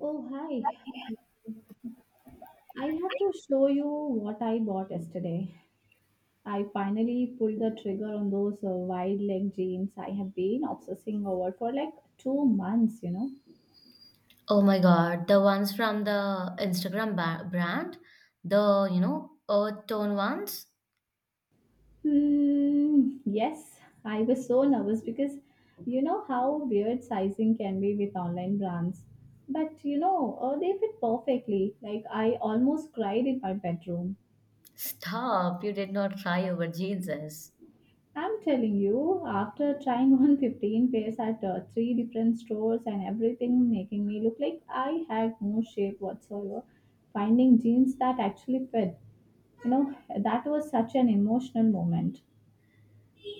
Oh, hi. I have to show you what I bought yesterday. I finally pulled the trigger on those wide leg jeans I have been obsessing over for like two months. Oh my God, the ones from the Instagram brand, the, earth tone ones? Hmm, yes, I was so nervous because you know how weird sizing can be with online brands. But they fit perfectly. Like, I almost cried in my bedroom. Stop, you did not cry over jeanses. I'm telling you, after trying 115 pairs at three different stores and everything making me look like I had no shape whatsoever, finding jeans that actually fit, that was such an emotional moment.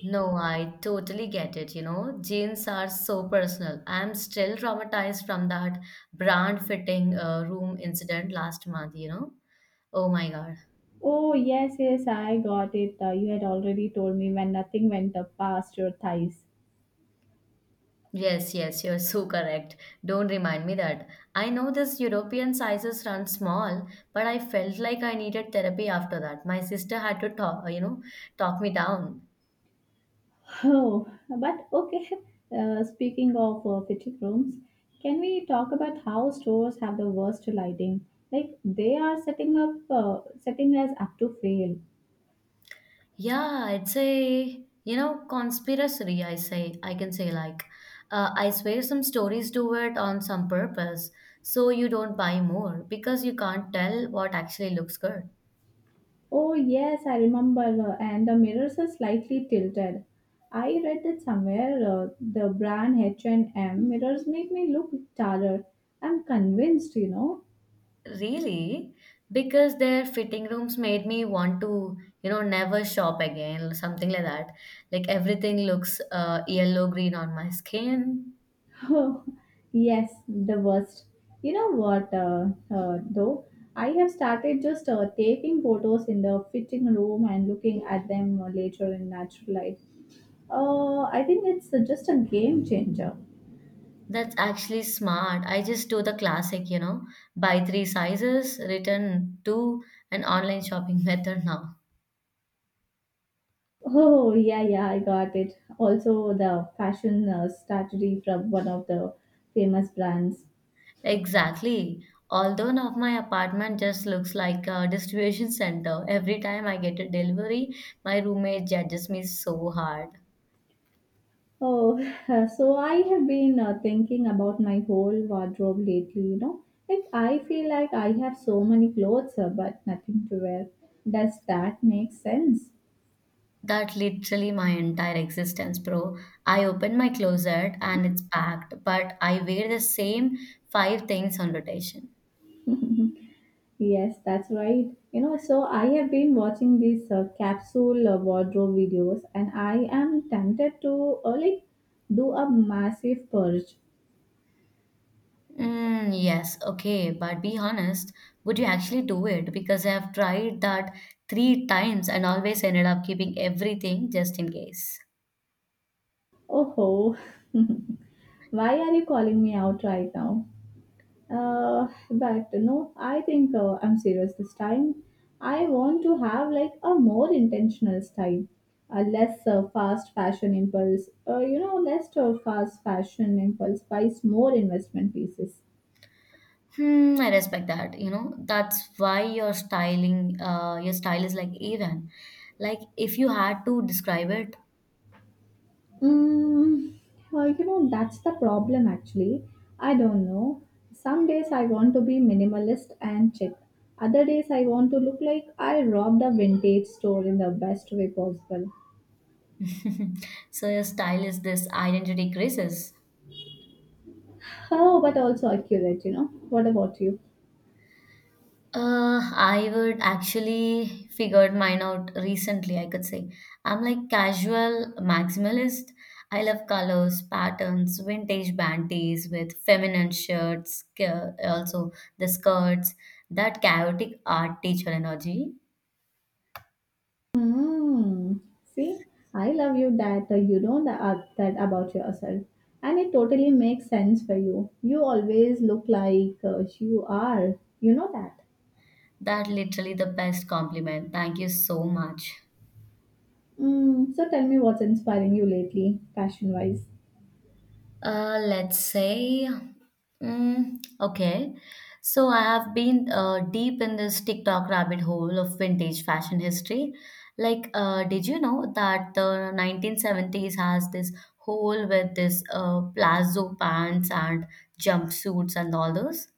No, I totally get it, Jeans are so personal. I'm still traumatized from that brand fitting room incident last month, Oh my God. Oh, yes, yes, I got it. You had already told me when nothing went up past your thighs. Yes, yes, you're so correct. Don't remind me that. I know this European sizes run small, but I felt like I needed therapy after that. My sister had to talk me down. Oh, but okay. Speaking of fitting rooms, can we talk about how stores have the worst lighting? Like they are setting us up to fail. Yeah, it's a, conspiracy, I can say like, I swear some stories do it on some purpose, so you don't buy more because you can't tell what actually looks good. Oh yes, I remember. And the mirrors are slightly tilted. I read that somewhere. The brand H&M mirrors make me look taller. I'm convinced. Really? Because their fitting rooms made me want to, never shop again, something like that. Like everything looks yellow green on my skin. Oh, yes, the worst. You know what, though? I have started just taking photos in the fitting room and looking at them later in natural light. I think it's just a game changer. That's actually smart. I just do the classic, buy three sizes, return two, an online shopping method now. Oh, yeah, yeah, I got it. Also, the fashion strategy from one of the famous brands. Exactly. Although now my apartment just looks like a distribution center. Every time I get a delivery, my roommate judges me so hard. Oh, so I have been thinking about my whole wardrobe lately. Like, I feel like I have so many clothes, but nothing to wear. Does that make sense? That literally my entire existence, bro. I open my closet and it's packed, but I wear the same five things on rotation. Yes, that's right. You know, so I have been watching these capsule wardrobe videos, and I am tempted to like do a massive purge. Mm, yes, okay, but be honest, would you actually do it? Because I have tried that three times and always ended up keeping everything just in case. Oh ho! Why are you calling me out right now? But no, I think I'm serious this time. I want to have like a more intentional style, a less fast fashion less fast fashion impulse buys more investment pieces. Hmm, I respect that. You know, that's why your your style is like even. Like, if you had to describe it, Mm, that's the problem actually. I don't know. Some days I want to be minimalist and chic. Other days I want to look like I robbed a vintage store in the best way possible. so your style is this identity crisis. How, but also accurate. What about you? I would actually figured mine out recently, I could say. I'm like casual maximalist. I love colors, patterns, vintage panties with feminine shirts, also the skirts, that chaotic art teacher energy. Hmm. See, I love you that you know that, that about yourself, and it totally makes sense for you. You always look like you are. You know that. That literally the best compliment. Thank you so much. So tell me what's inspiring you lately, fashion wise. Let's say, mm, okay. So I have been deep in this TikTok rabbit hole of vintage fashion history. Like, did you know that the 1970s has this whole with this palazzo pants and jumpsuits and all those?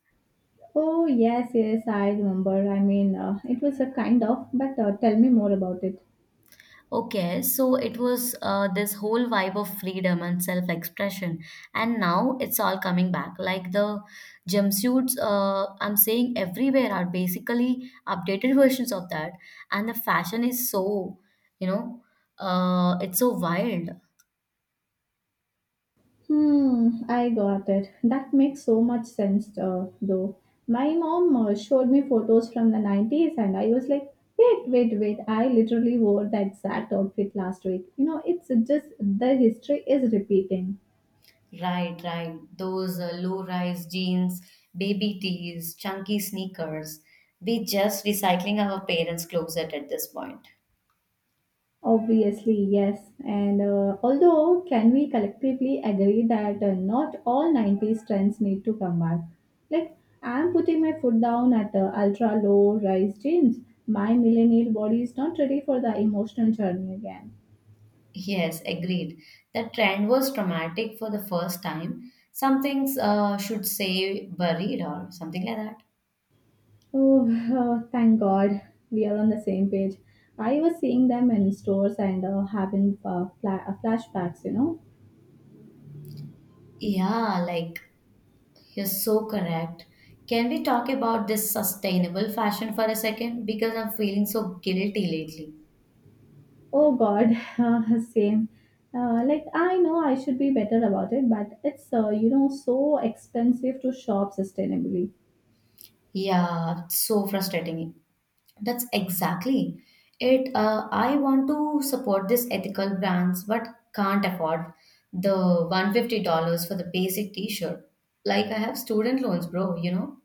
Oh yes, yes, I remember. I mean, it was a kind of, but tell me more about it. Okay, so it was this whole vibe of freedom and self-expression, and now it's all coming back. Like the jumpsuits, I'm saying everywhere are basically updated versions of that, and the fashion is so, you know, it's so wild. Hmm, I got it. That makes so much sense, though. My mom showed me photos from the 90s, and I was like, wait, wait, wait. I literally wore the exact outfit last week. You know, it's just the history is repeating. Right, right. Those low-rise jeans, baby tees, chunky sneakers. We just recycling our parents' closet at this point. Obviously, yes. And although, can we collectively agree that not all 90s trends need to come back? Like, I'm putting my foot down at ultra low rise jeans. My millennial body is not ready for the emotional journey again. Yes, agreed. That trend was traumatic for the first time. Some things should say buried or something like that. Oh, thank God we are on the same page. I was seeing them in stores and having flashbacks. Yeah, like you're so correct. Can we talk about this sustainable fashion for a second? Because I'm feeling so guilty lately. Oh God, same. Like I know I should be better about it, but it's so expensive to shop sustainably. Yeah, it's so frustrating. That's exactly it. I want to support these ethical brands, but can't afford the $150 for the basic t-shirt. Like I have student loans, bro, you know?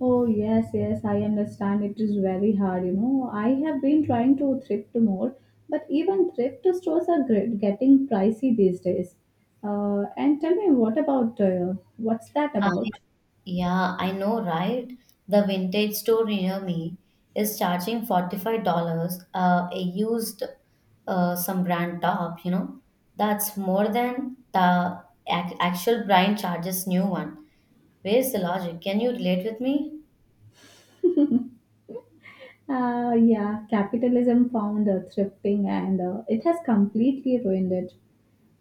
Oh yes, yes, I understand. It is very hard. I have been trying to thrift more, but even thrift stores are getting pricey these days. And tell me, what's that I, about? yeah, I know, right? The vintage store near me is charging $45 a used some brand top, you know. That's more than the ac actual brand charges new one. Where's the logic? Can you relate with me? Yeah, capitalism found thrifting and it has completely ruined it.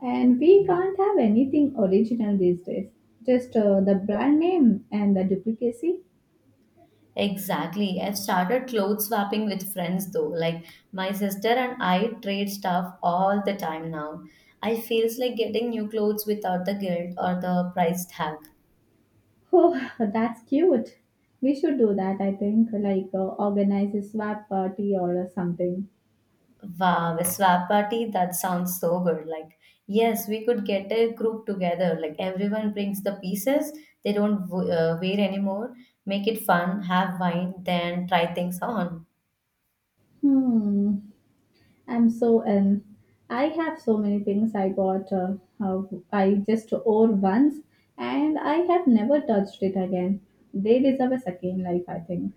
And we can't have anything original these days. Just the brand name and the duplicacy. Exactly. I've started clothes swapping with friends though. Like my sister and I trade stuff all the time now. I feels like getting new clothes without the guilt or the price tag. Oh, that's cute. We should do that, I think, like organize a swap party or something. Wow, a swap party? That sounds so good. Like, yes, we could get a group together. Like, everyone brings the pieces they don't wear anymore. Make it fun, have wine, then try things on. Hmm. I'm so in. I have so many things I bought. Uh, I just wore once, and I have never touched it again. They deserve a second life, I think.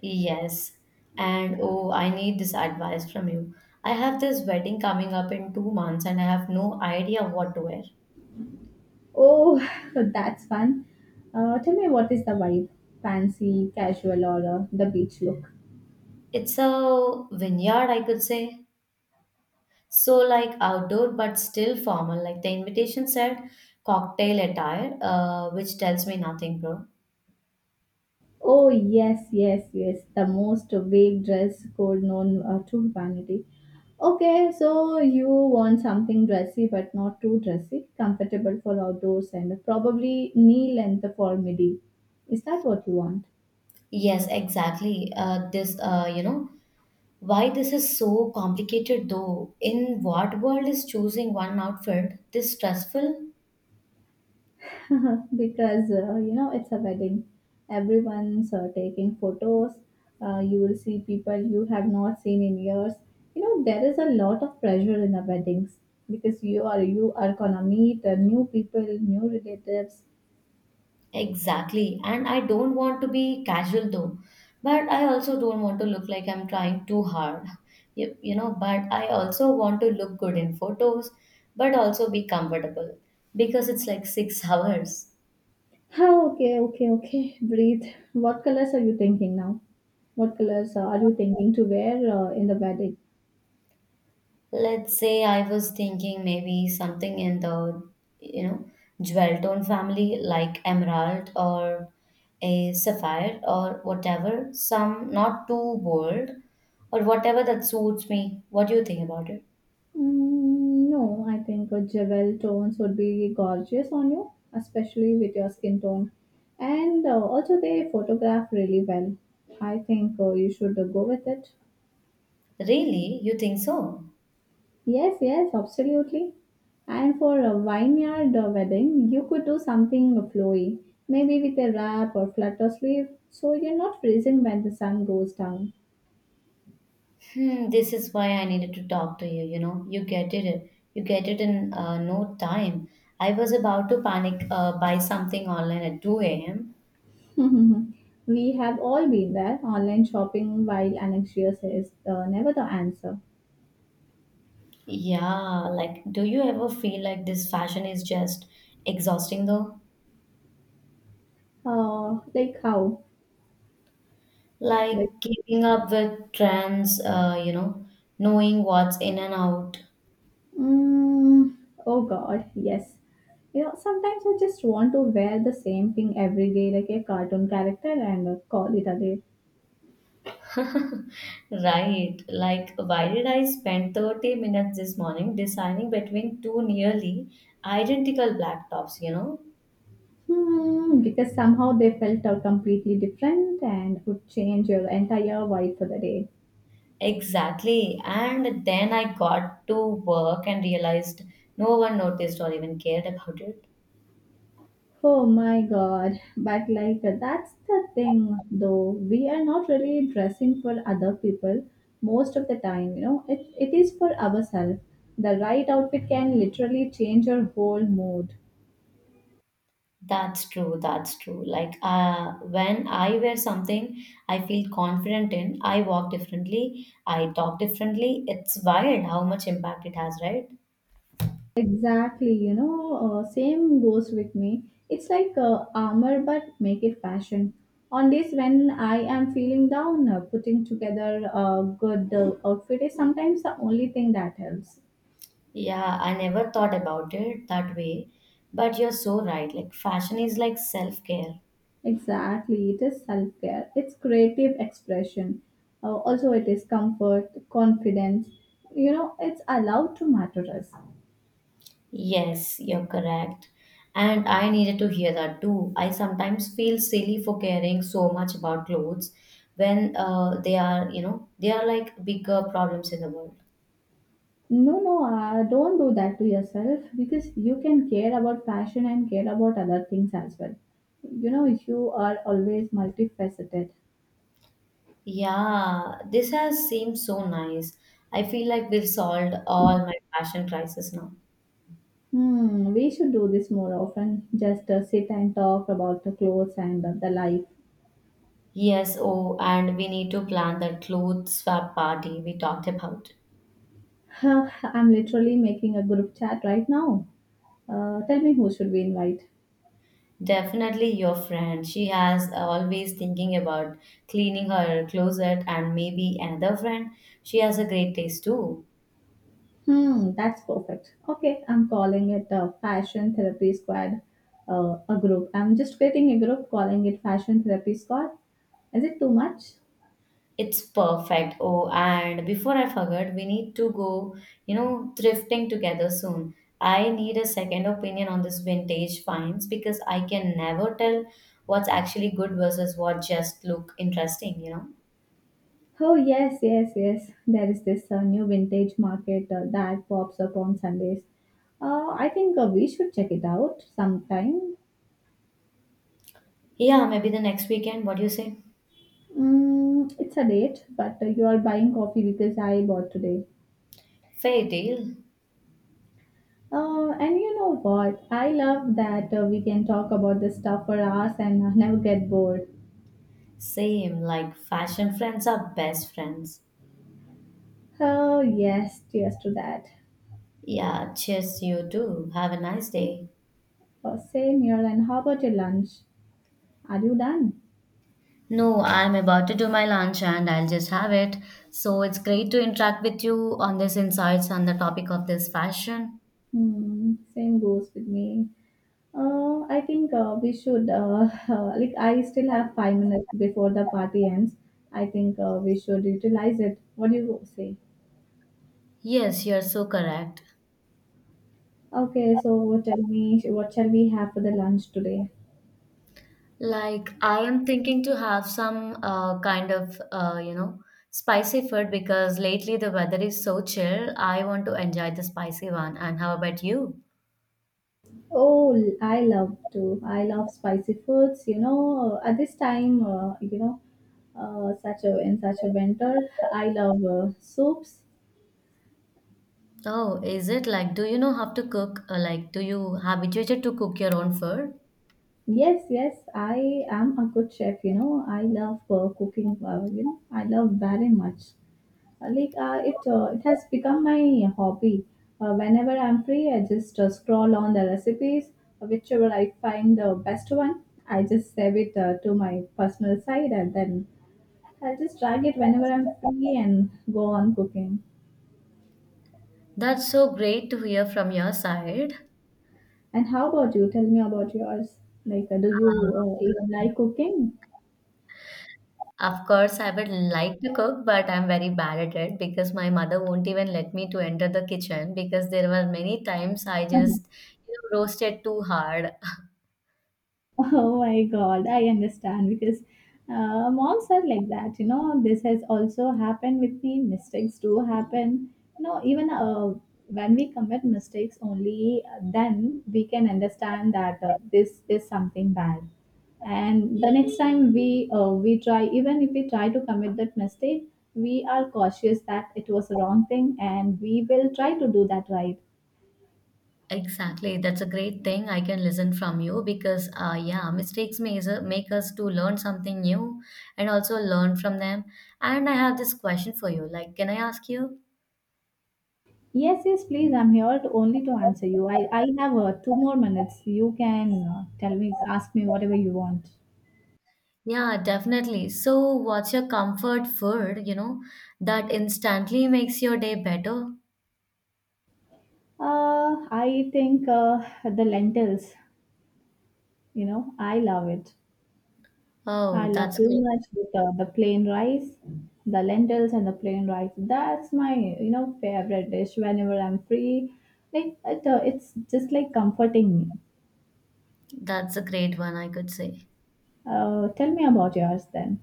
Yes. And oh, I need this advice from you. I have this wedding coming up in 2 months and I have no idea what to wear. Oh, that's fun. Tell me, what is the vibe? Fancy, casual, or the beach look? It's a vineyard, I could say. So like outdoor but still formal. Like the invitation said cocktail attire, which tells me nothing, bro. Oh yes, yes, yes. The most vague dress code known to humanity. Okay, so you want something dressy but not too dressy, comfortable for outdoors and probably knee length for midi. Is that what you want? Yes, exactly. Why this is so complicated though? In what world is choosing one outfit this stressful? Because you know it's a wedding. Everyone's taking photos. You will see people you have not seen in years. You know there is a lot of pressure in the weddings, because you are gonna meet new people, new relatives. Exactly. And I don't want to be casual though. But I also don't want to look like I'm trying too hard. You know, but I also want to look good in photos, but also be comfortable because it's like six hours. Oh, okay, okay, okay, breathe. what colors are you thinking now what colors are you thinking to wear in the wedding? Let's say I was thinking maybe something in the, you know, jewel tone family like emerald or a sapphire or whatever, some not too bold or whatever that suits me. What do you think about it? No, I think a jewel tones would be gorgeous on you, especially with your skin tone. And also, they photograph really well. I think you should go with it. Really? You think so? Yes, yes, absolutely. And for a vineyard wedding, you could do something flowy, maybe with a wrap or flutter sleeve, so you're not freezing when the sun goes down. Hmm, this is why I needed to talk to you, you know. You get it. You get it in no time. I was about to panic buy something online at 2 a.m. We have all been there. Online shopping while anxious is never the answer. Yeah, like do you ever feel like this fashion is just exhausting though? Like how? Like Like, keeping up with trends, knowing what's in and out. mm, oh God, yes. You know, sometimes I just want to wear the same thing every day, like a cartoon character, and call it a day. Right, like why did I spend 30 minutes this morning deciding between two nearly identical black tops, you know? Hmm, because somehow they felt completely different and would change your entire vibe for the day. Exactly. And then I got to work and realized no one noticed or even cared about it. Oh my god. But like that's the thing though. We are not really dressing for other people most of the time. It is for ourselves. The right outfit can literally change your whole mood. That's true, that's true. Like when I wear something I feel confident in, I walk differently, I talk differently. It's wild how much impact it has, right? Exactly, same goes with me. It's like armor but make it fashion. On days when I am feeling down, putting together a good outfit is sometimes the only thing that helps. Yeah, I never thought about it that way, but you're so right. Like, fashion is like self care. Exactly, it is self care, it's creative expression. Also, it is comfort, confidence. You know, it's allowed to matter us. Yes, you're correct. And I needed to hear that too. I sometimes feel silly for caring so much about clothes when they are like bigger problems in the world. No, no, don't do that to yourself because you can care about fashion and care about other things as well. You know, you are always multifaceted. Yeah, this has seemed so nice. I feel like we've solved all my fashion crisis now. Hmm, we should do this more often. Just sit and talk about the clothes and the life. Yes, oh, and we need to plan that clothes swap party we talked about. I'm literally making a group chat right now. Tell me, who should we invite? Definitely your friend. She has always thinking about cleaning her closet and maybe another friend. She has a great taste too. Hmm, that's perfect. Okay, I'm calling it a fashion therapy squad, a group. I'm just creating a group, calling it fashion therapy squad. Is it too much? It's perfect. Oh, and before I forget, we need to go, thrifting together soon. I need a second opinion on this vintage finds because I can never tell what's actually good versus what just look interesting, you know. Oh, yes, yes, yes. There is this new vintage market that pops up on Sundays. I think we should check it out sometime. Yeah, maybe the next weekend. What do you say? It's a date, but you are buying coffee because I bought today. Fair deal. And you know what? I love that we can talk about this stuff for hours and never get bored. Same, like fashion friends are best friends. Oh, yes, cheers to that. Yeah, cheers, you too. Have a nice day. Oh, same here. And how about your lunch? Are you done? No, I'm about to do my lunch and I'll just have it. So it's great to interact with you on this insights on the topic of this fashion. Hmm, same goes with me. I think we should, like, I still have 5 minutes before the party ends. I think we should utilize it. What do you say? Yes, you're so correct. Okay, so tell me, what shall we have for the lunch today? Like I am thinking to have some kind of spicy food because lately the weather is so chill. I want to enjoy the spicy one. And how about you? Oh, I love to. I love spicy foods. You know, at this time, such a winter, I love soups. Oh, is it like do you know how to cook? Like do you habituated to cook your own food? Yes, yes, I am a good chef. You know, I love cooking. I love very much. It has become my hobby. Whenever I'm free, I just scroll on the recipes, whichever I find the best one. I just save it to my personal side and then I'll just drag it whenever I'm free and go on cooking. That's so great to hear from your side. And how about you? Tell me about yours. Like, do Uh, you even like cooking? of course, I would like to cook, but I'm very bad at it because my mother won't even let me to enter the kitchen because there were many times I just, roasted too hard. Oh my God, I understand because moms are like that. You know, this has also happened with me. Mistakes do happen. You know, even when we commit mistakes, only then we can understand that this is something bad. And the next time we try, even if we try to commit that mistake, we are cautious that it was a wrong thing, and we will try to do that right. Exactly, that's a great thing I can listen from you because yeah, mistakes may make us to learn something new and also learn from them. And I have this question for you. Like, can I ask you? Yes, yes, please. I'm here to, only to answer you. I have 2 more minutes. You can tell me, ask me whatever you want. Yeah, definitely. So, what's your comfort food, that instantly makes your day better? I think the lentils, I love it. Oh, I love that's too great. much with the plain rice, the lentils and the plain rice. That's my, favorite dish whenever I'm free. Like, it's just like comforting me. That's a great one, I could say. Tell me about yours then.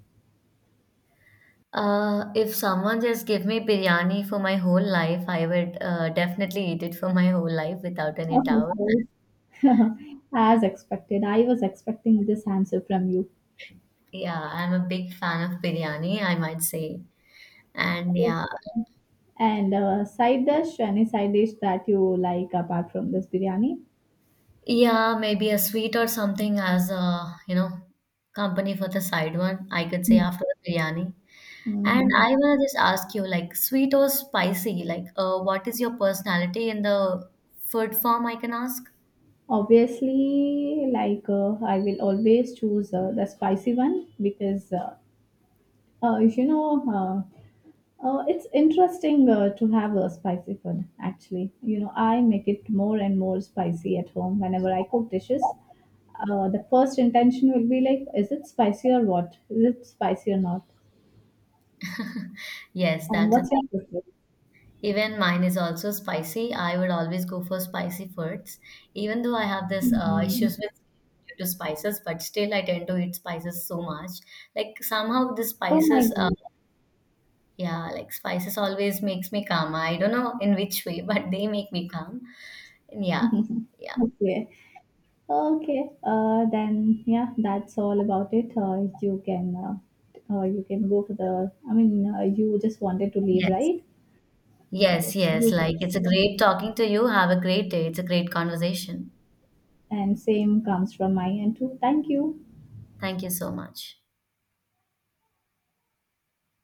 If someone just give me biryani for my whole life, I would definitely eat it for my whole life without any Oh, doubt. sorry. As expected, I was expecting this answer from you. Yeah, I'm a big fan of biryani, I might say. And yeah, And any side dish that you like apart from this biryani? yeah, maybe a sweet or something as a, company for the side one, I could say after the biryani. And Mm-hmm. I wanna just ask you, like, sweet or spicy? Like, what is your personality in the food form, I can ask? Obviously, like I will always choose the spicy one because, if you know, uh, it's interesting to have a spicy food, actually. You know, I make it more and more spicy at home whenever I cook dishes. The first intention will be like, is it spicy or what? Is it spicy or not? Yes, And that's it. what's your preference? Even mine is also spicy. I would always go for spicy foods, even though I have this issues Hmm. with due to spices, but still I tend to eat spices so much. Like somehow the Oh my spices, goodness. yeah, like spices always makes me calm. I don't know in which way, but they make me calm. And yeah, yeah, Okay. Okay. Then yeah, that's all about it. You can go for the. I mean, you just wanted to leave, yes. right? Yes, Yes, yes. you can. Like it's a great talking to you. Have a great day. It's a great conversation. And same comes from my end too. Thank you. Thank you so much.